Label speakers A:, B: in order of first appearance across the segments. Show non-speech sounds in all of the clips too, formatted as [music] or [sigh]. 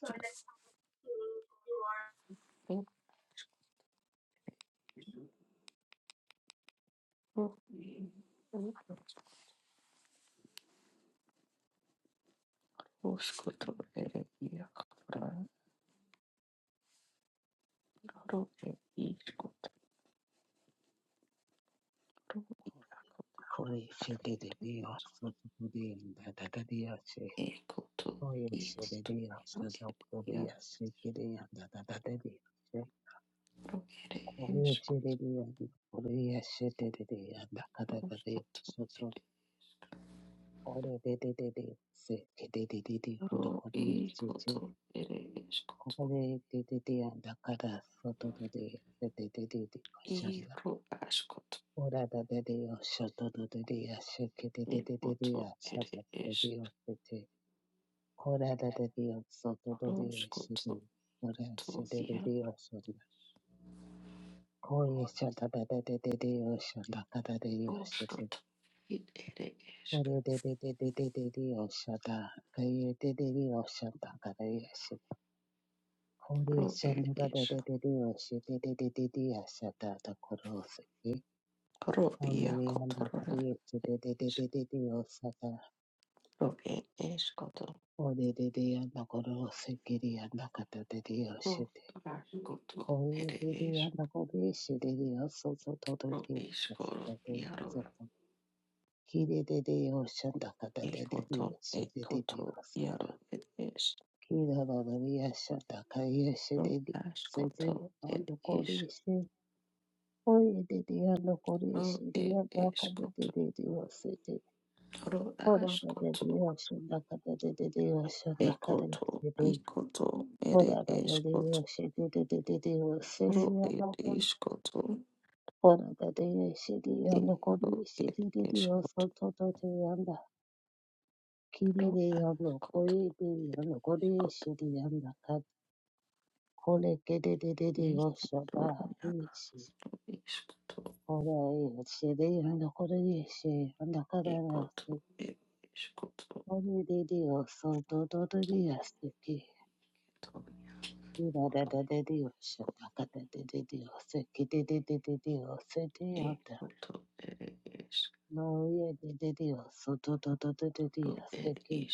A: So let's you are Kori fete de dea soto kudea da da da dea se kori se de dea soto kudea se kidea da da da da dea se kori se de dea di kori se de de dea da da da da dea soto kori de de se kidea no kori se te kori de de dea da da da soto de dea se de de de de shanda ora da da dea soto de dea se kide de de Kora da da di oso do do di shidi. Kora shidi di di oso da. Kori shada da da da da di oso da da da di oso da. da da da da da di di di oso da. Kori da da di oso da da da di oso da. Kori shanda da da da da di oso da da da da di oso da da koro oso ki. Kori di anda kari oso da da da da da di oso da. Kori da da anda koro oso ki di anda kata da di oso Oye, diría la codicia, diría soto todo día, soto de soto. Kiri de Dios, Santa Cata de Dios, de Dios. Kira la diría Santa Caya, de Dios, de Ando codicia. Oye, diría la codicia, diría la cata de Dios, de Ora de Dios, Santa Cata de Dios, Santa Cata de Dios. Ora de Dios, de Dios, de Dios, Ora da de shidi yando kori shidi didi yoso toto te yanda kiri de yando koi de yando kori shidi yanda kat kole kede de de de yoso da ishi ora e shidi yando kori ishi yanda kada yoso kori de de yoso toto te de yoso ki ira da da de de yoso da kada de de de yoso ki de de de de de yoso de yanda no ye de de de yoso toto te de de yoso ki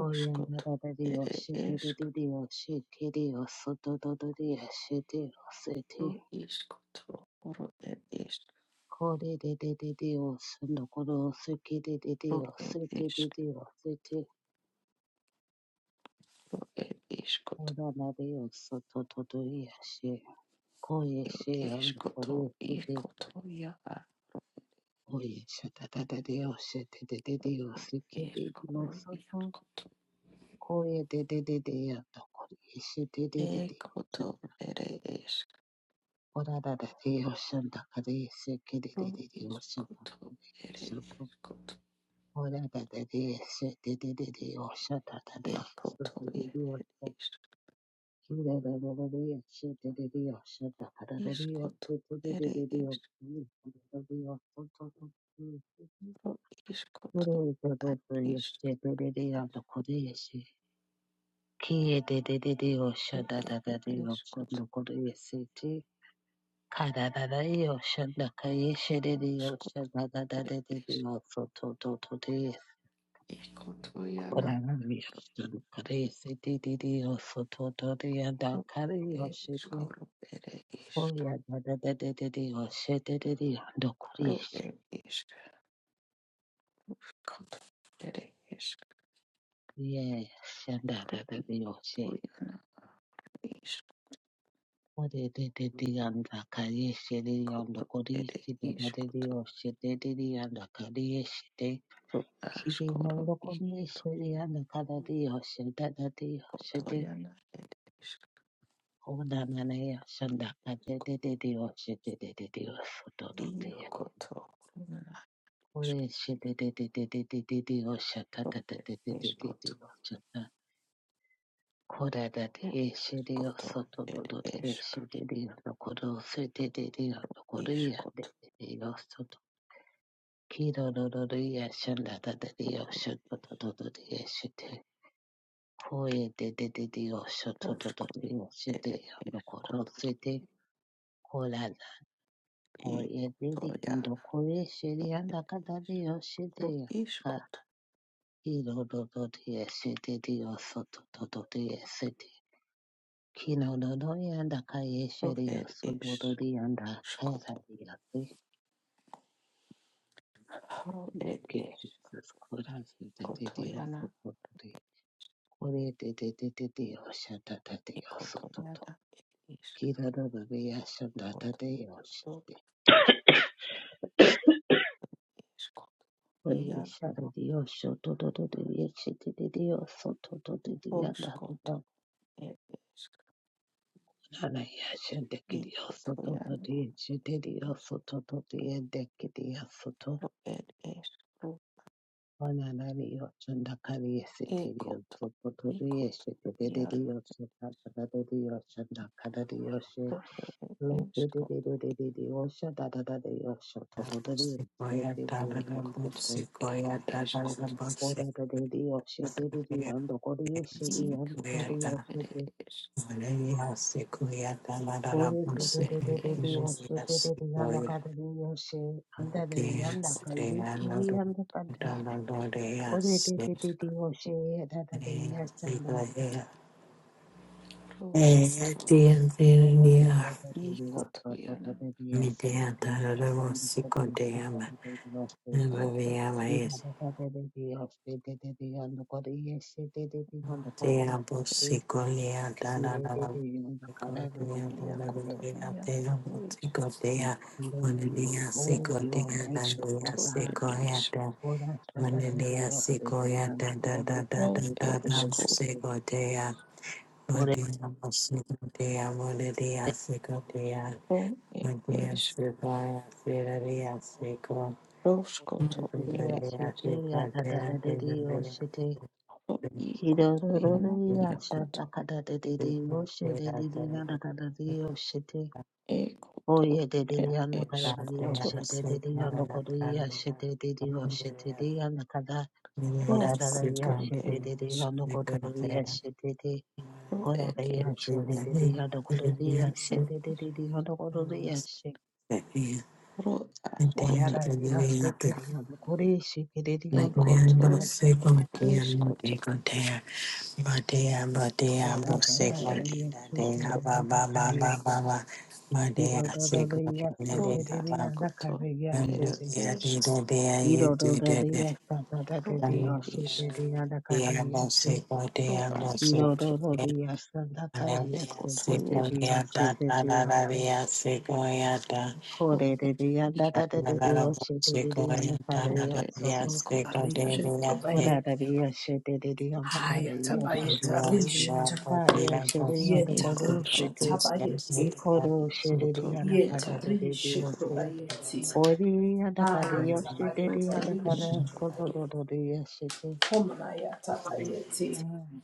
A: Oyanda da da dio shete de de dio sheke dio soto do do dio shete o sete. Kore de de de dio shendo koro seke de de dio sete de dio sete. Ora na dio soto do do dio shi Koye shi yando kore sete. Oye shata da da dio shete de de dio seke de dio soto. Koye de de de dio kore shete de de dio. Ora da da de oshanda kade se kede de de de oshanda shubu. Ora da da de se de de de de oshanda da de shubu de de oshanda. Kira da da da de se de de de oshanda kada da de oshanda de de de de oshanda da de oshanda. Kira da da de se de de de oshanda kade se. Kira de de de de oshanda da da de oshanda kade se. te. Karararayo shandakaye shereriyo shandadadadadidiyo sotototodiyo koraramiyo shandakare sedididiyo sototodiyo dakariyo shedi oya dadadadadidiyo shededidiyo dokuriye shandadadadiyo she odededidiyo ndakaye shedidiyo dokuriye dadadadidiyo shededidiyo dakariye shedi Kiri Morokoni Shriya Nakaradi Hoshita Dati Hoshite Odanane Shanda Adedede Hoshite Dedede Hosoto Dotea Kore Shite Dedede Hoshata Dadedede Hoshata Kore Dati Shiri Hosoto Dodote Shite de Nokoro Sete Dede Nokori Adedede Hosoto Kiro Doroya Shanda Dadede Hoshata Dodote Oye, de de de de, yo shoto to to to de, oh, se de, ando coro se de, cola. Oye, de de, ando core se de, anda cada de, oh, se de, ca. do do de, yo de de, oh, so to to to de, se de. Kino do do de, anda ca ye se de, oh, so do do de, anda cada de, oh, se. ke Jesus cora se de de de, oh, so to to de. Ore de de de de de, oh, se da da de, oh, so to to. Kira do do de, yo se de, oh, se. Oye, Shaddai Dios, Shoto Dodo Dios, Shitty Dios, Soto Dodo Dios, Dada Shana Yashin Deki Dios, Soto Dodo Dios, Shitty Dios, Soto Dodo Dios, Deki Dios, Soto Manana Dios, Shandakari Shitty Dios, Soto Dodo Dios, Shitty Dios, Soto Dodo Dios, Shandakara Dios, Shitty Dios, Shaddai da da de Dios, Soto Dodo Dios,
B: Sequoia
A: Shitty Dios,
B: dadadaboo,
A: Soto
B: sequoia dadadaboo,
A: Ora da de
B: sequoia
A: de oshe de de de
B: dadadaboo,
A: ando kori eshe de ando
B: sequoia
A: kari
B: da.
A: oshe de.
B: Valeria sequoia
A: Ore
B: dadadaboo,
A: de de de de de de oshe
B: sequoia
A: de de de anda
B: sequoia.
A: kari de oshe anda de de
B: Ogea
A: anda kari
B: dea
A: eshe de
B: lodo,
A: anda kari.
B: dadadodea
A: Ore de de
B: sequoia
A: de de oshe da da de eshe da.
B: sequoia. Eya dea dea
A: Ore da
B: dea.
A: da da de de oshe da da de de eshe
B: Midea
A: de de de de.
B: dadadaboo,
A: Ore
B: sequoia
A: kari eshe da da de de oshe. Kira
B: dea.
A: da da da de de de oshe de de de ando kori eshe de de de ando kori oshe
B: Diabo
A: de.
B: sigo lea da da da
A: de
B: da
A: de anda
B: sigo
A: kari de
B: dea da da
A: oshe.
B: da lea dea mo sigo
A: We
B: dea
A: follow
B: mone
A: you.
B: lea
A: Holy,
B: sigo
A: you are
B: dea da
A: righteous, O
B: lea
A: God.
B: sigo ea da
A: What I said that
B: mone
A: they be
B: lea
A: off the
B: sigo
A: day
B: ea
A: and the
B: da da
A: corner
B: da
A: of the
B: da da
A: day, they
B: da
A: be
B: da mo
A: off the day.
B: sigo dea mo
A: What I
B: dea mo sigo dea mone lea sigo dea mo dea sigo ea sira lea sigo
A: said that
B: sira
A: they are
B: lea
A: shaky, and
B: sigo
A: that that
B: dea
A: that they
B: dea
A: be off the day. He do do do do ya sha da ka da do da ka da, I
B: lea sigo
A: said that that that that they be off the day, they be off the day, they be off the day. Oh yeah, they they they are not gonna
B: Thank
A: be off the day, they they are not gonna be off the day, they they off the day, they are not going da da da, yeah, shit, they they they are not gonna be off the day. Ora re yashe de de de yada kore re yashe de de de de yada kore re yashe. Ora ra re yashe ke re yada kore yashe ke re re yada kore re yashe. Kora ka ra re yashe de yada ka yashe. Ira ra ra re yashe de de de yada ka re yashe de. Ira ra ra re
B: you.
A: yashe da da de de
B: Thank
A: yashe de de yada ka re yashe. Ira ra ra re yashe da ka re yashe de de de yashe de de yada. How they did it, and that they did it, or she did it, and that they did so too.
C: Arisheto
A: What are
C: bayeti.
A: they, she did it, and that they
C: Hayata
A: did so too.
C: bayeta
A: What are they, and
C: risheto.
A: that they are she, and
C: Yeta rashata bayeti.
A: that
C: Yeta
A: they are
C: risheto
A: so too.
C: bayeti.
A: What are they, and that they are
C: Hayata
A: she,
C: bayeta
A: and that they are
C: risheto bayeti.
A: so too.
C: Homayata bayeti.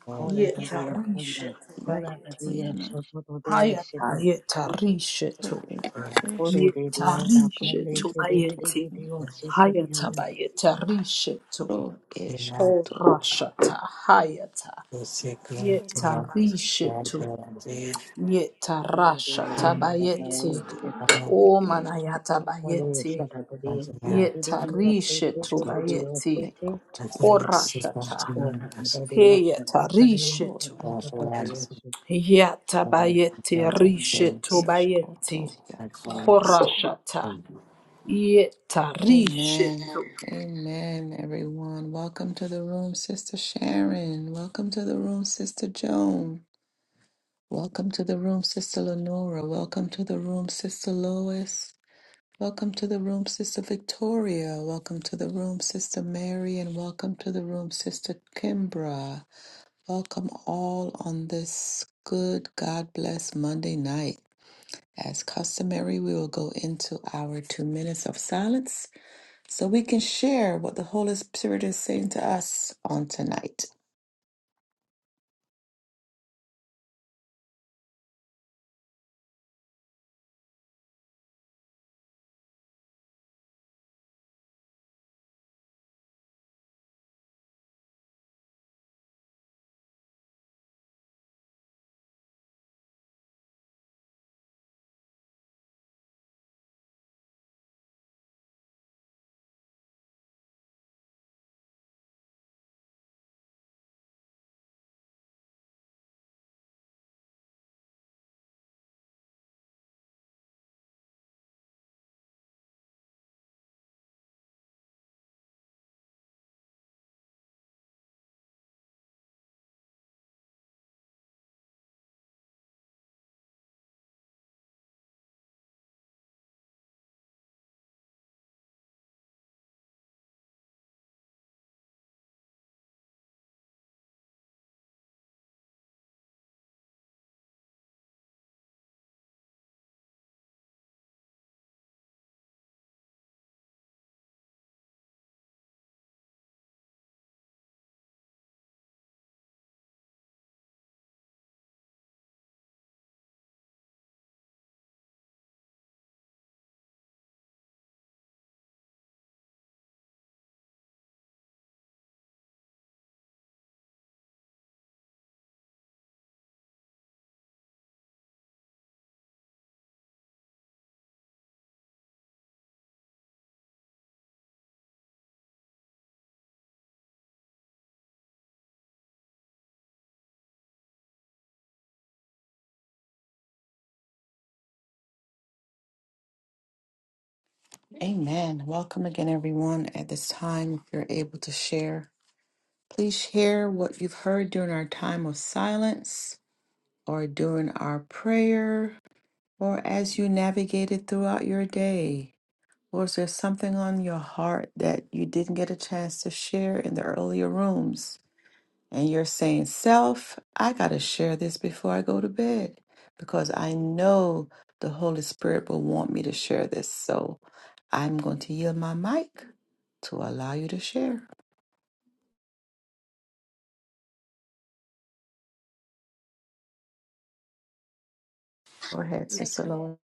A: What are they, and
C: Yeta
A: that they are
C: risheto
A: she, and that
C: bayeti.
A: they are so
C: Hayata
A: too.
C: yeta risheto.
A: How they did it,
C: Yeta
A: and that
C: risheto
A: they did
C: bayeti.
A: it, or she did it, and that they did so
C: Hayata
A: too.
C: bayeta risheto. Horashata hayata. Yeta risheto.
A: Hallelujah,
C: Yetarasha tabayeti.
A: Satabaya, Sete,
B: you.
C: O manayata
A: Hallelujah,
C: bayeti.
A: Satabaya,
B: unto now,
A: Sete, Didia,
C: Yetarishe
A: Sete,
B: unto
A: Didia,
C: tobayeti.
A: Sete,
B: the things is
C: Horashata.
A: Ora,
B: unto us.
A: Didia, Shatabaya,
C: Heyetarishetu.
B: God
A: Satabaya,
B: bless
A: Sete.
B: and
C: Yatabayeti rishe tobayeti. Horashata. Yetarishe tu.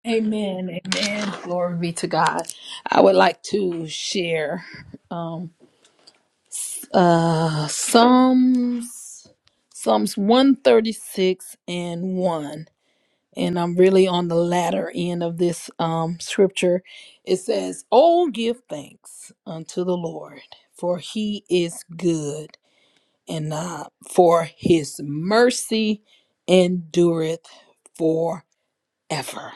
C: Amen. Amen. Glory be to God. I would like to share. Um, Uh, Psalms, Psalms 136 and 1. And I'm really on the latter end of this um, scripture. It says, Oh, give thanks unto the Lord, for he is good, and uh, for his mercy endureth ever.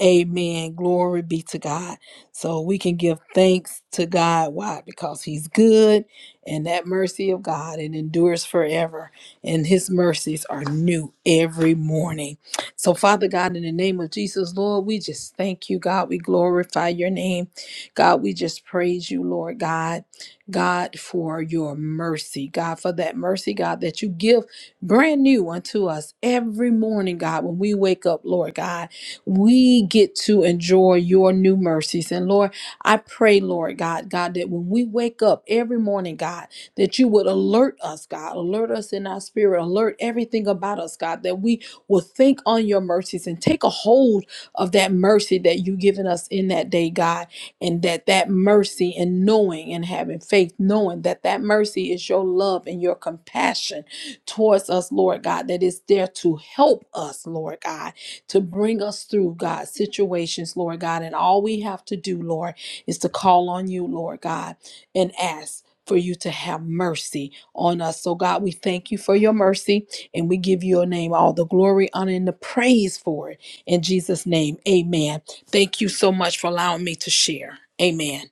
C: Amen. Glory be to God. So we can give thanks to God. Why? Because He's good and that mercy of God it endures forever. And His mercies are new every morning. So, Father God, in the name of Jesus, Lord, we just thank you, God. We glorify your name. God, we just praise you, Lord God. God, for your mercy. God, for that mercy, God, that you give brand new unto us every morning, God, when we wake up, Lord God we get to enjoy your new mercies. And Lord, I pray, Lord God, God, that when we wake up every morning, God, that you would alert us, God, alert us in our spirit, alert everything about us, God, that we will think on your mercies and take a hold of that mercy that you've given us in that day, God, and that that mercy and knowing and having faith, knowing that that mercy is your love and your compassion towards us, Lord God, that is there to help us, Lord God to bring us through, God, situations, Lord God. And all we have to do, Lord, is to call on you, Lord God, and ask. For you to have mercy on us. So, God, we thank you for your mercy and we give your name all the glory, honor, and the praise for it. In Jesus' name, amen. Thank you so much for allowing me to share. Amen.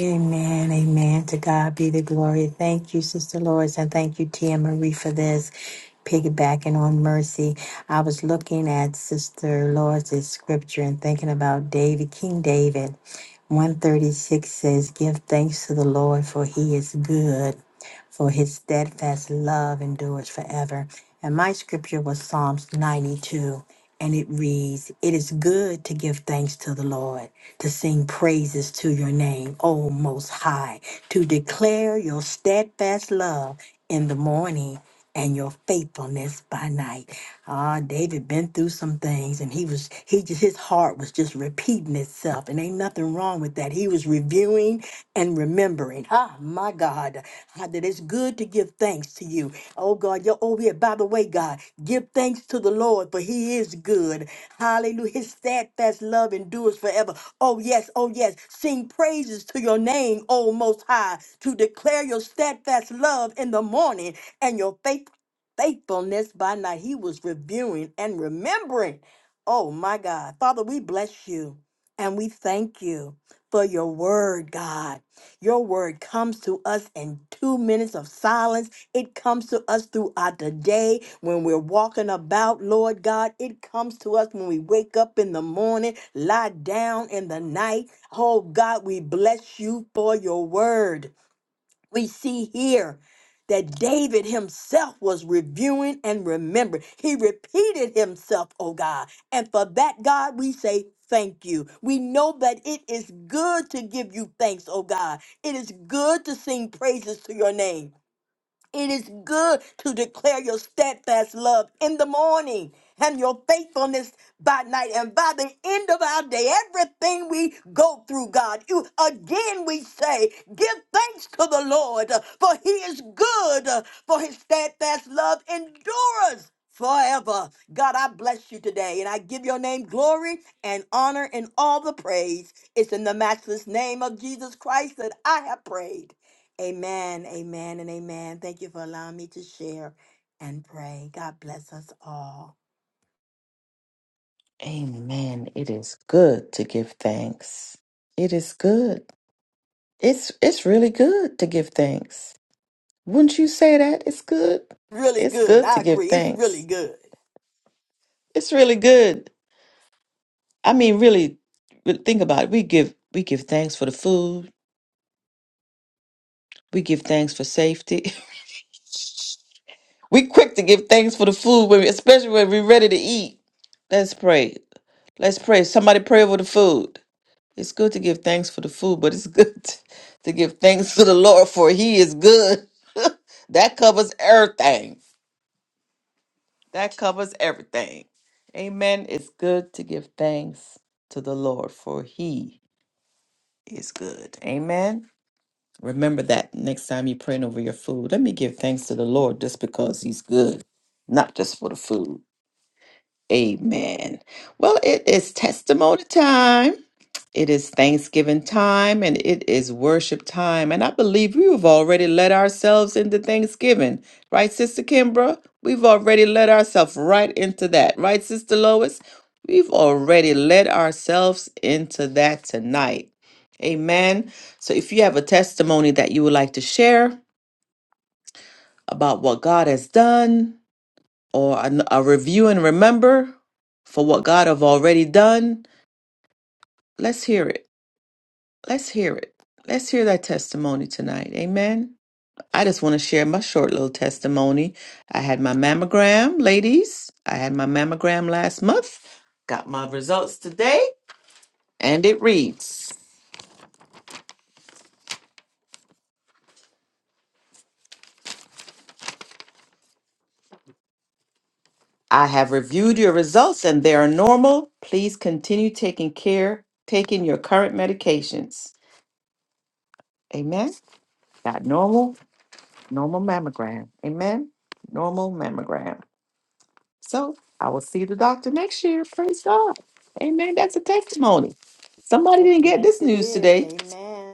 B: Amen, amen. To God be the glory. Thank you, Sister Lois, and thank you, Tia Marie, for this piggybacking on mercy. I was looking at Sister Lois's scripture and thinking about David, King David. 136 says, Give thanks to the Lord, for he is good for his steadfast love endures forever. And my scripture was Psalms 92, and it reads, It is good to give thanks to the Lord, to sing praises to your name, O Most High, to declare your steadfast love in the morning and your faithfulness by night. Ah, David been through some things and he was he just his heart was just repeating itself and ain't nothing wrong with that. He was reviewing and remembering. Ah, my God ah, that it's good to give thanks to you. Oh God, you're over here. By the way, God, give thanks to the Lord, for he is good. Hallelujah. His steadfast love endures forever. Oh yes, oh yes. Sing praises to your name, O most high, to declare your steadfast love in the morning and your faith faithfulness by night. He was reviewing and remembering. Oh my God. Father, we bless you and we thank you for your word, God. Your word comes to us in two minutes of silence. It comes to us throughout the day when we're walking about, Lord God. It comes to us when we wake up in the morning, lie down in the night. Oh God, we bless you for your word we see here that David himself was reviewing and remembering. He repeated himself, oh God. And for that, God, we say, Thank you. We know that it is good to give you thanks, oh God. It is good to sing praises to your name. It is good to declare your steadfast love in the morning and your faithfulness by night. And by the end of our day, everything we go through, God, you again we say, give thanks to the Lord, uh, for he is good, uh, for his steadfast love endures forever. God, I bless you today, and I give your name glory and honor and all the praise. It's in the matchless name of Jesus Christ that I have prayed. Amen, amen, and amen. Thank you for allowing me to share and pray. God bless us all. Really good. I agree. It's really good. Yes, it is. Amen.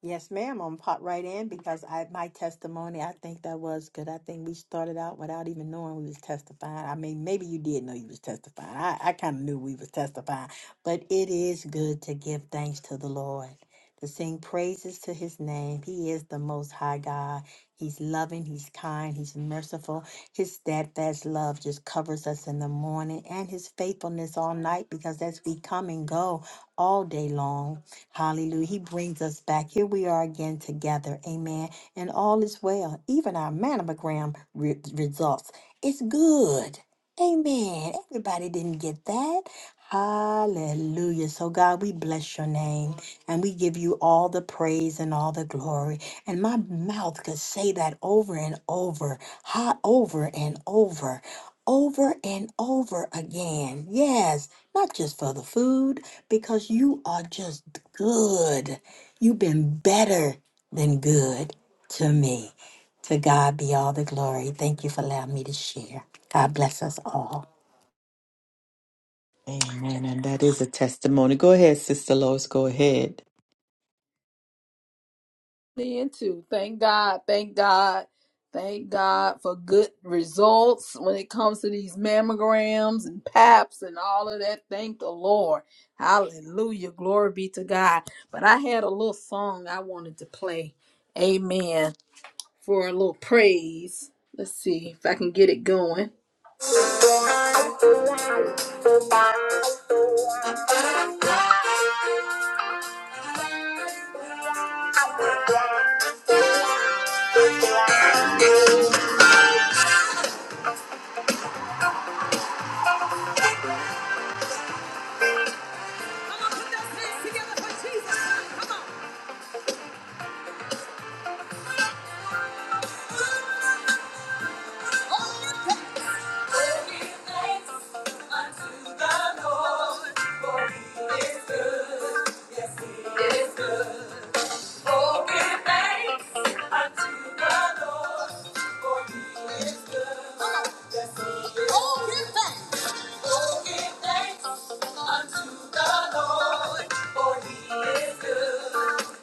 B: Yes, ma'am. I'm pop right in because I my testimony. I think that was good. I think we started out without even knowing we was testifying. I mean, maybe you did know you was testifying. I, I kind of knew we was testifying, but it is good to give thanks to the Lord, to sing praises to His name. He is the Most High God. He's loving. He's kind. He's merciful. His steadfast love just covers us in the morning, and His faithfulness all night. Because as we come and go all day long. Hallelujah. He brings us back. Here we are again together. Amen. And all is well. Even our mammogram re- results. It's good. Amen. Everybody didn't get that. Hallelujah. So, God, we bless your name and we give you all the praise and all the glory. And my mouth could say that over and over, hot over and over, over and over again. Yes, not just for the food because you are just good. You've been better than good to me. To God be all the glory. Thank you for allowing me to share. God bless us all.
C: into. Thank God, thank God, thank God for good results when it comes to these mammograms and paps and all of that. Thank the Lord. Hallelujah. Glory be to God. But I had a little song I wanted to play. Amen. For a little praise. Let's see if I can get it going. Come on, put those hands together for Jesus. Come on.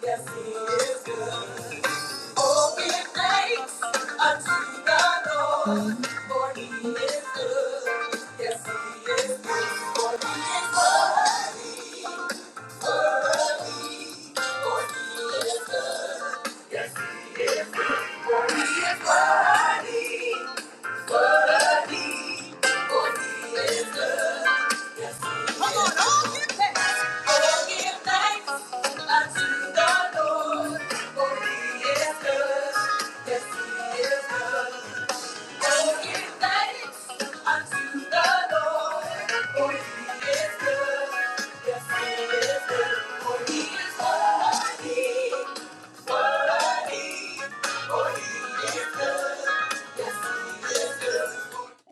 C: Yes, he is good. Oh, give thanks unto the Lord,
D: Mm.
C: for he is good. Yes, he is good, for he is worthy, worthy, for he is good. Yes, he is good, for he is worthy. Come on, all give thanks. All give thanks unto the Lord, for he is good. Yes, he is good.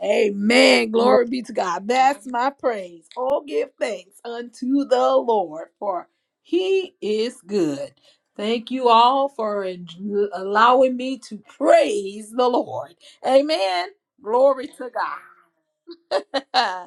C: Amen. Glory be to God. That's my praise. Oh, give thanks unto the Lord, for he is good. Thank you all for en- allowing me to praise the Lord. Amen. Glory to God. [laughs]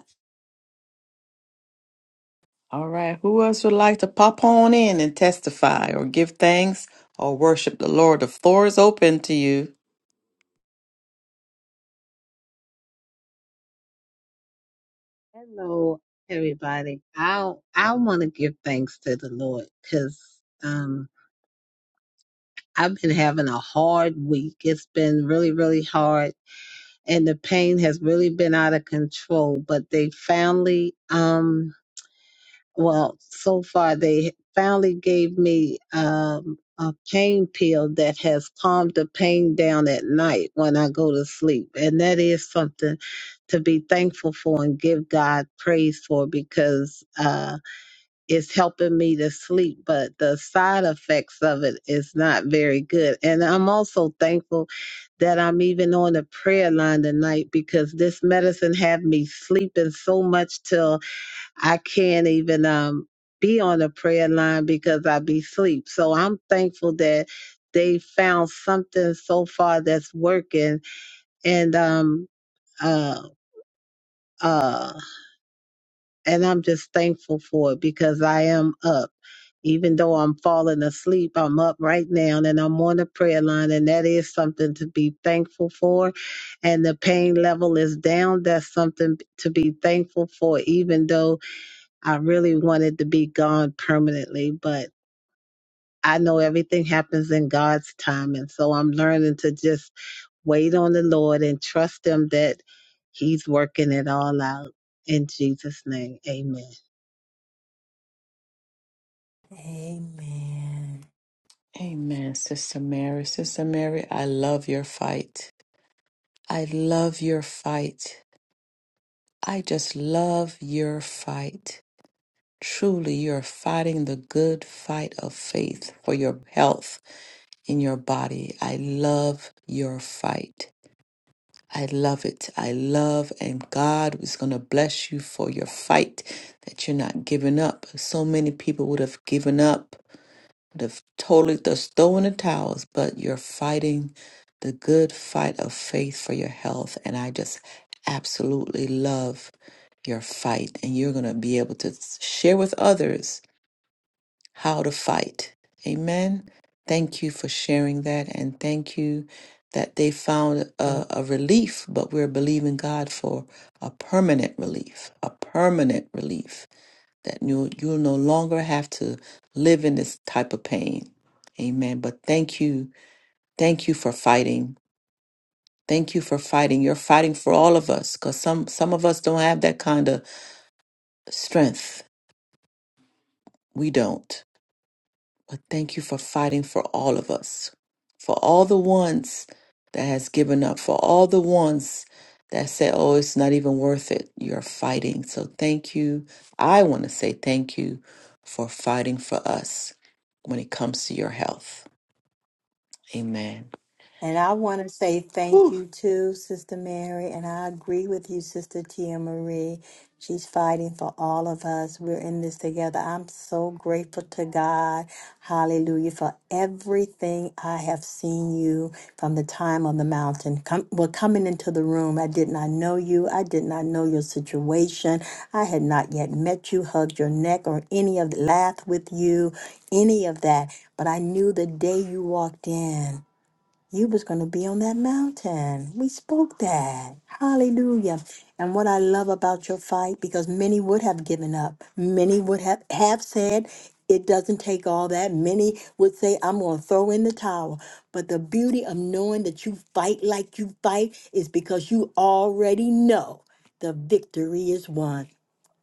A: Hello, everybody. I I want to give thanks to the Lord because um, I've been having a hard week. It's been really, really hard, and the pain has really been out of control. But they finally um, well, so far they finally gave me um, a pain pill that has calmed the pain down at night when I go to sleep. And that is something to be thankful for and give God praise for because uh, it's helping me to sleep. But the side effects of it is not very good. And I'm also thankful that I'm even on the prayer line tonight because this medicine had me sleeping so much till I can't even um be on a prayer line because I be sleep. So I'm thankful that they found something so far that's working and um uh uh and I'm just thankful for it because I am up. Even though I'm falling asleep, I'm up right now and I'm on the prayer line and that is something to be thankful for. And the pain level is down. That's something to be thankful for, even though I really wanted to be gone permanently, but I know everything happens in God's time. And so I'm learning to just wait on the Lord and trust Him that He's working it all out. In Jesus' name, amen.
B: Amen. And I want to say thank you too, Sister Mary. And I agree with you, Sister Tia Marie. She's fighting for all of us. We're in this together. I'm so grateful to God. Hallelujah. For everything I have seen you from the time on the mountain. Come, well, coming into the room, I did not know you. I did not know your situation. I had not yet met you, hugged your neck, or any of laughed with you, any of that. But I knew the day you walked in. You was going to be on that mountain. We spoke that. Hallelujah. And what I love about your fight, because many would have given up. Many would have, have said, it doesn't take all that. Many would say, I'm going to throw in the towel. But the beauty of knowing that you fight like you fight is because you already know the victory is won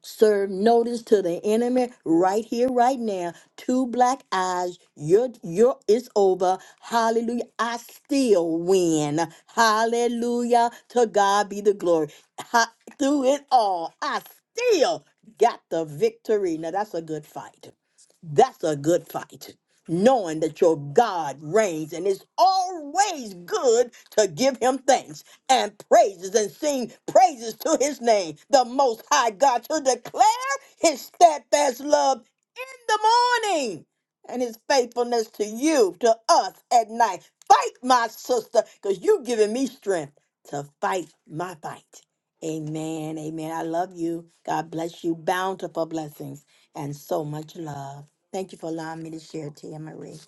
B: serve notice to the enemy right here right now two black eyes your your it's over hallelujah i still win hallelujah to god be the glory Ha- through it all i still got the victory now that's a good fight that's a good fight. Knowing that your God reigns and it's always good to give him thanks and praises and sing praises to his name, the most high God, to declare his steadfast love in the morning and his faithfulness to you, to us at night. Fight, my sister, because you've given me strength to fight my fight. Amen. Amen. I love you. God bless you. Bountiful blessings and so much love. Thank you for allowing me to share, Tia Marie.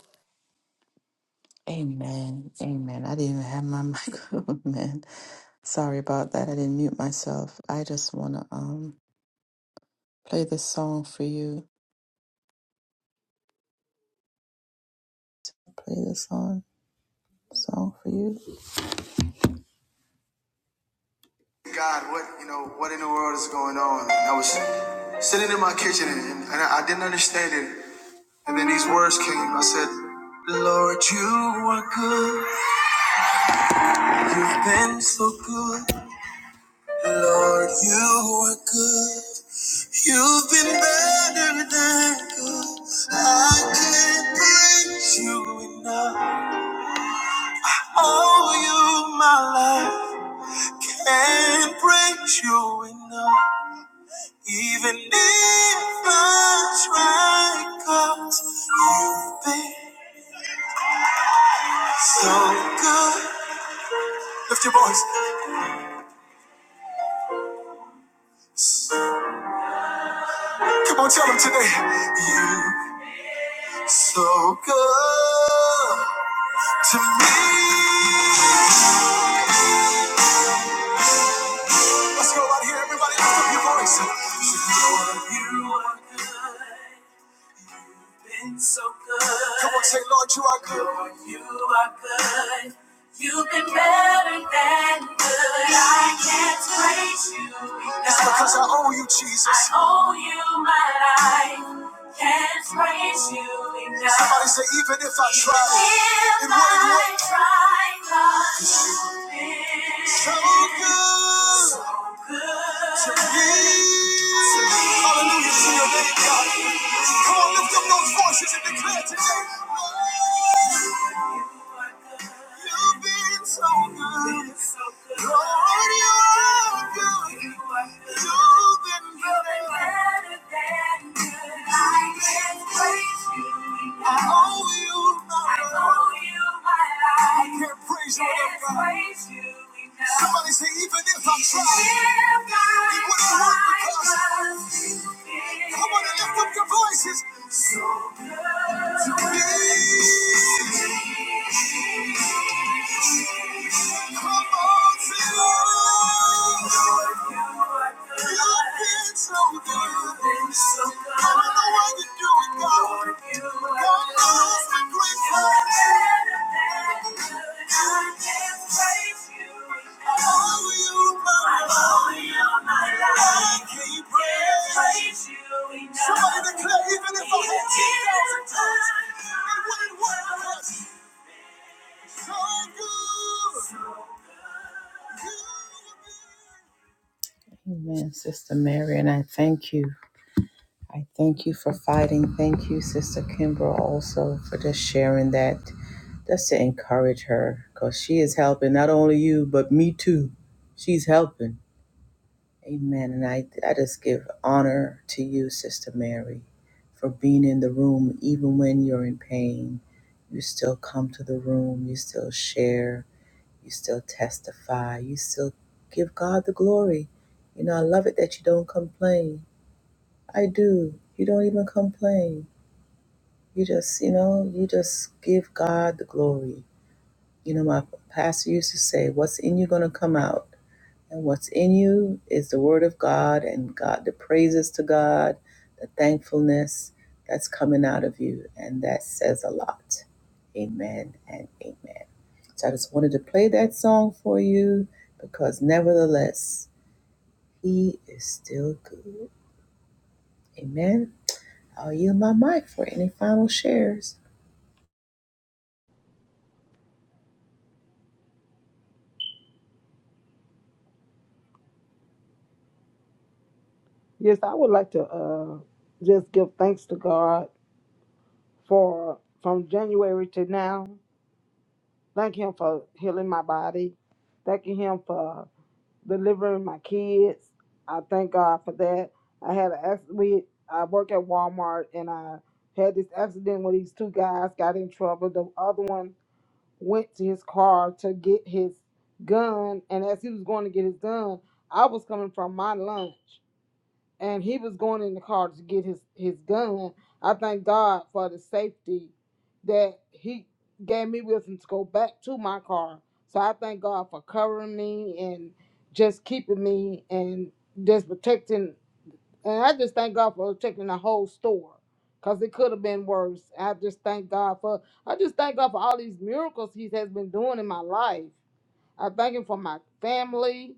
E: God, what you know, what in the world is going on? And I was sitting in my kitchen and, and I, I didn't understand it. And then these words came. I said, Lord, you are good. You've been so good. Lord, you are good. You've been better than good. I can't praise you enough. Oh, you, my life, can't praise you enough. Even if I try, you you've been so good. Lift your voice. Come on, tell them today. You so good to me. Let's go right here, everybody. Lift up your voice. You know you are good. been so good. Come on, say, Lord, you are good. Lord, you are good. You've been better than good. I can't praise you enough. It's because I owe you, Jesus. I owe you my life. Can't praise you enough. Somebody say, even if I Even tried, if it wouldn't work. try, God, you've been So good so good to me. to me. Hallelujah to your name, God. Come on, lift up those voices and declare today. Lord, You've been so good. Lord, you're good. You've been better than good. I can't praise you. I owe you my life. I owe you my life. I can't praise you enough, God. Can't praise you enough. Somebody say, even if I try, If it wouldn't work because tried, Come on and lift up your voices. So good to be. Come on, say, Lord, you've been so good. I don't know why you do it, God. God, so good.
F: Yes, I would like to uh, just give thanks to God for from January to now. Thank Him for healing my body. Thanking Him for delivering my kids. I thank God for that. I had an accident. We, I work at Walmart and I had this accident where these two guys got in trouble. The other one went to his car to get his gun, and as he was going to get his gun, I was coming from my lunch. and he was going in the car to get his his gun. I thank God for the safety that he gave me with him to go back to my car. So I thank God for covering me and just keeping me and just protecting. And I just thank God for protecting the whole store because it could have been worse. I just thank God for I just thank God for all these miracles He has been doing in my life. I thank Him for my family.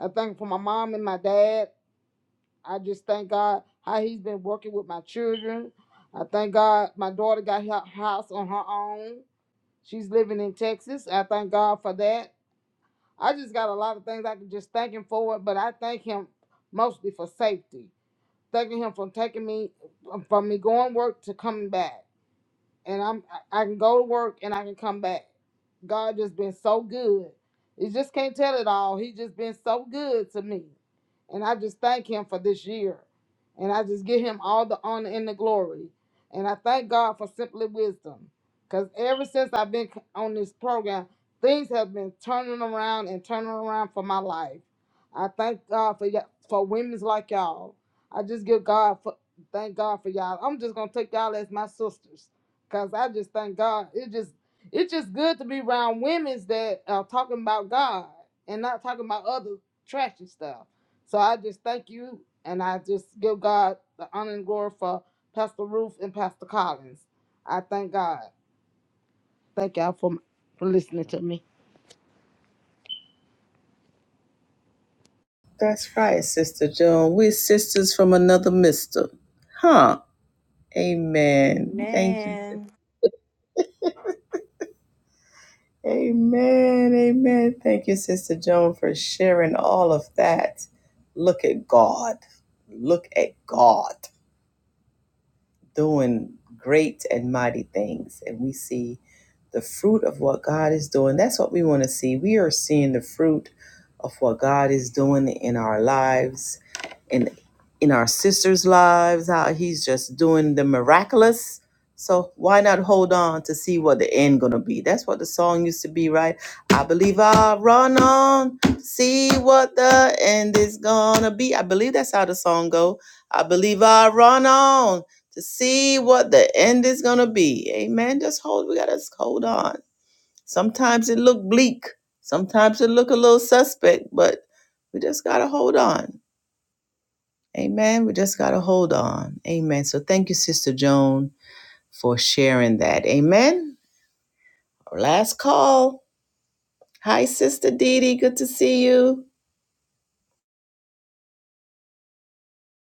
F: I thank Him for my mom and my dad. I just thank God how He's been working with my children. I thank God my daughter got her house on her own. She's living in Texas. I thank God for that. I just got a lot of things I can just thank Him for, but I thank Him mostly for safety. Thanking Him for taking me from me going work to coming back and I'm I I can go to work and I can come back. God just been so good. You just can't tell it all. He just been so good to me. And I just thank him for this year. And I just give him all the honor and the glory. And I thank God for simply wisdom. Cause ever since I've been c- on this program, things have been turning around and turning around for my life. I thank God for y- for women's like y'all. I just give God for thank God for y'all. I'm just gonna take y'all as my sisters Cause I just thank God. It just it's just good to be around women's that are talking about God and not talking about other trashy stuff. So I just thank you and I just give God the honor and glory for Pastor Ruth and Pastor Collins. I thank God. Thank y'all for for listening to me.
B: Amen.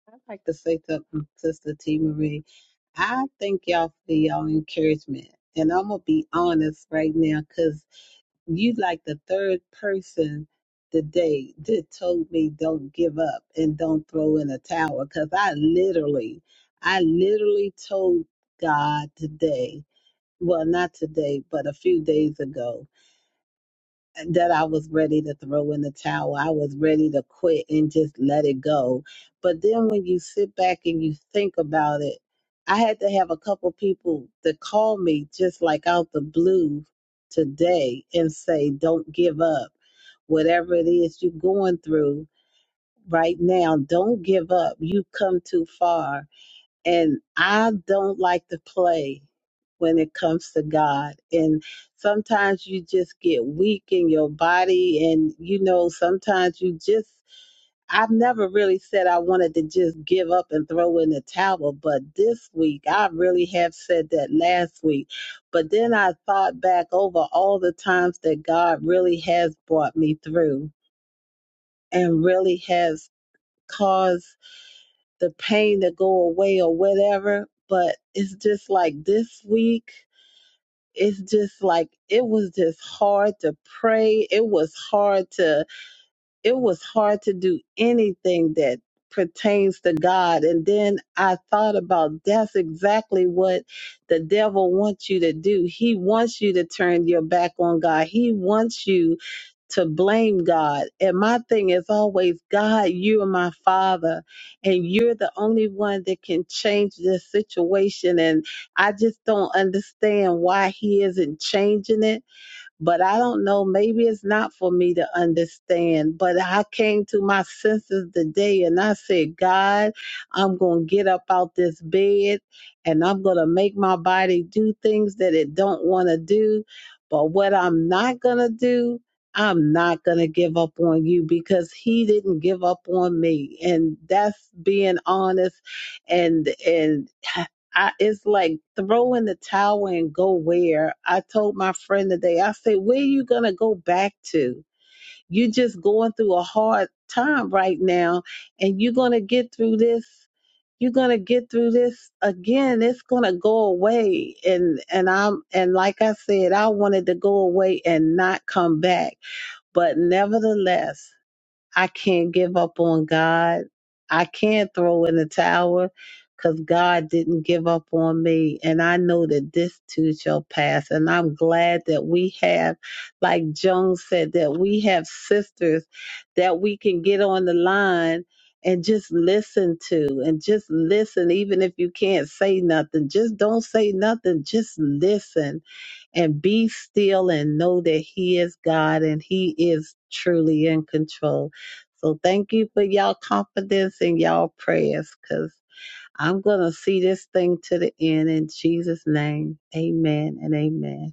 A: I'd like to say something, Sister T. Marie. I thank y'all for y'all encouragement. And I'm going to be honest right now, cause. you like the third person today that told me don't give up and don't throw in a towel because i literally i literally told god today well not today but a few days ago that I was ready to throw in the towel. I was ready to quit and just let it go. But then when you sit back and you think about it, I had to have a couple people that call me just like out the blue today and say, don't give up. Whatever it is you're going through right now, don't give up. You've come too far and I don't like to play when it comes to God. And sometimes you just get weak in your body, and you know, sometimes you just. I've never really said I wanted to just give up and throw in the towel, but this week I really have said that last week. But then I thought back over all the times that God really has brought me through and really has caused the pain to go away or whatever. But it's just like this week, it's just like it was just hard to pray. It was hard to it was hard to do anything that pertains to God. And then I thought about that's exactly what the devil wants you to do. He wants you to turn your back on God. He wants you to blame God. And my thing is always, God, you are my father, and you're the only one that can change this situation. And I just don't understand why he isn't changing it but I don't know, maybe it's not for me to understand. But I came to my senses today and I said, God, I'm going to get up out this bed and I'm going to make my body do things that it don't want to do. But what I'm not going to do, I'm not going to give up on you because he didn't give up on me. And that's being honest and and I it's like throw in the towel and go where. I told my friend today, I said, Where are you gonna go back to? You're just going through a hard time right now and you're gonna get through this you're gonna get through this again. It's gonna go away. And and I'm and like I said, I wanted to go away and not come back. But nevertheless. I can't give up on God. I can't throw in the towel, because God didn't give up on me. And I know that this too shall pass. And I'm glad that we have, like Joan said, that we have sisters that we can get on the line and just listen to and just listen, even if you can't say nothing. Just don't say nothing. Just listen and be still and know that He is God and He is truly in control. So thank you for y'all confidence and y'all prayers because I'm going to see this thing to the end in Jesus' name. Amen and amen.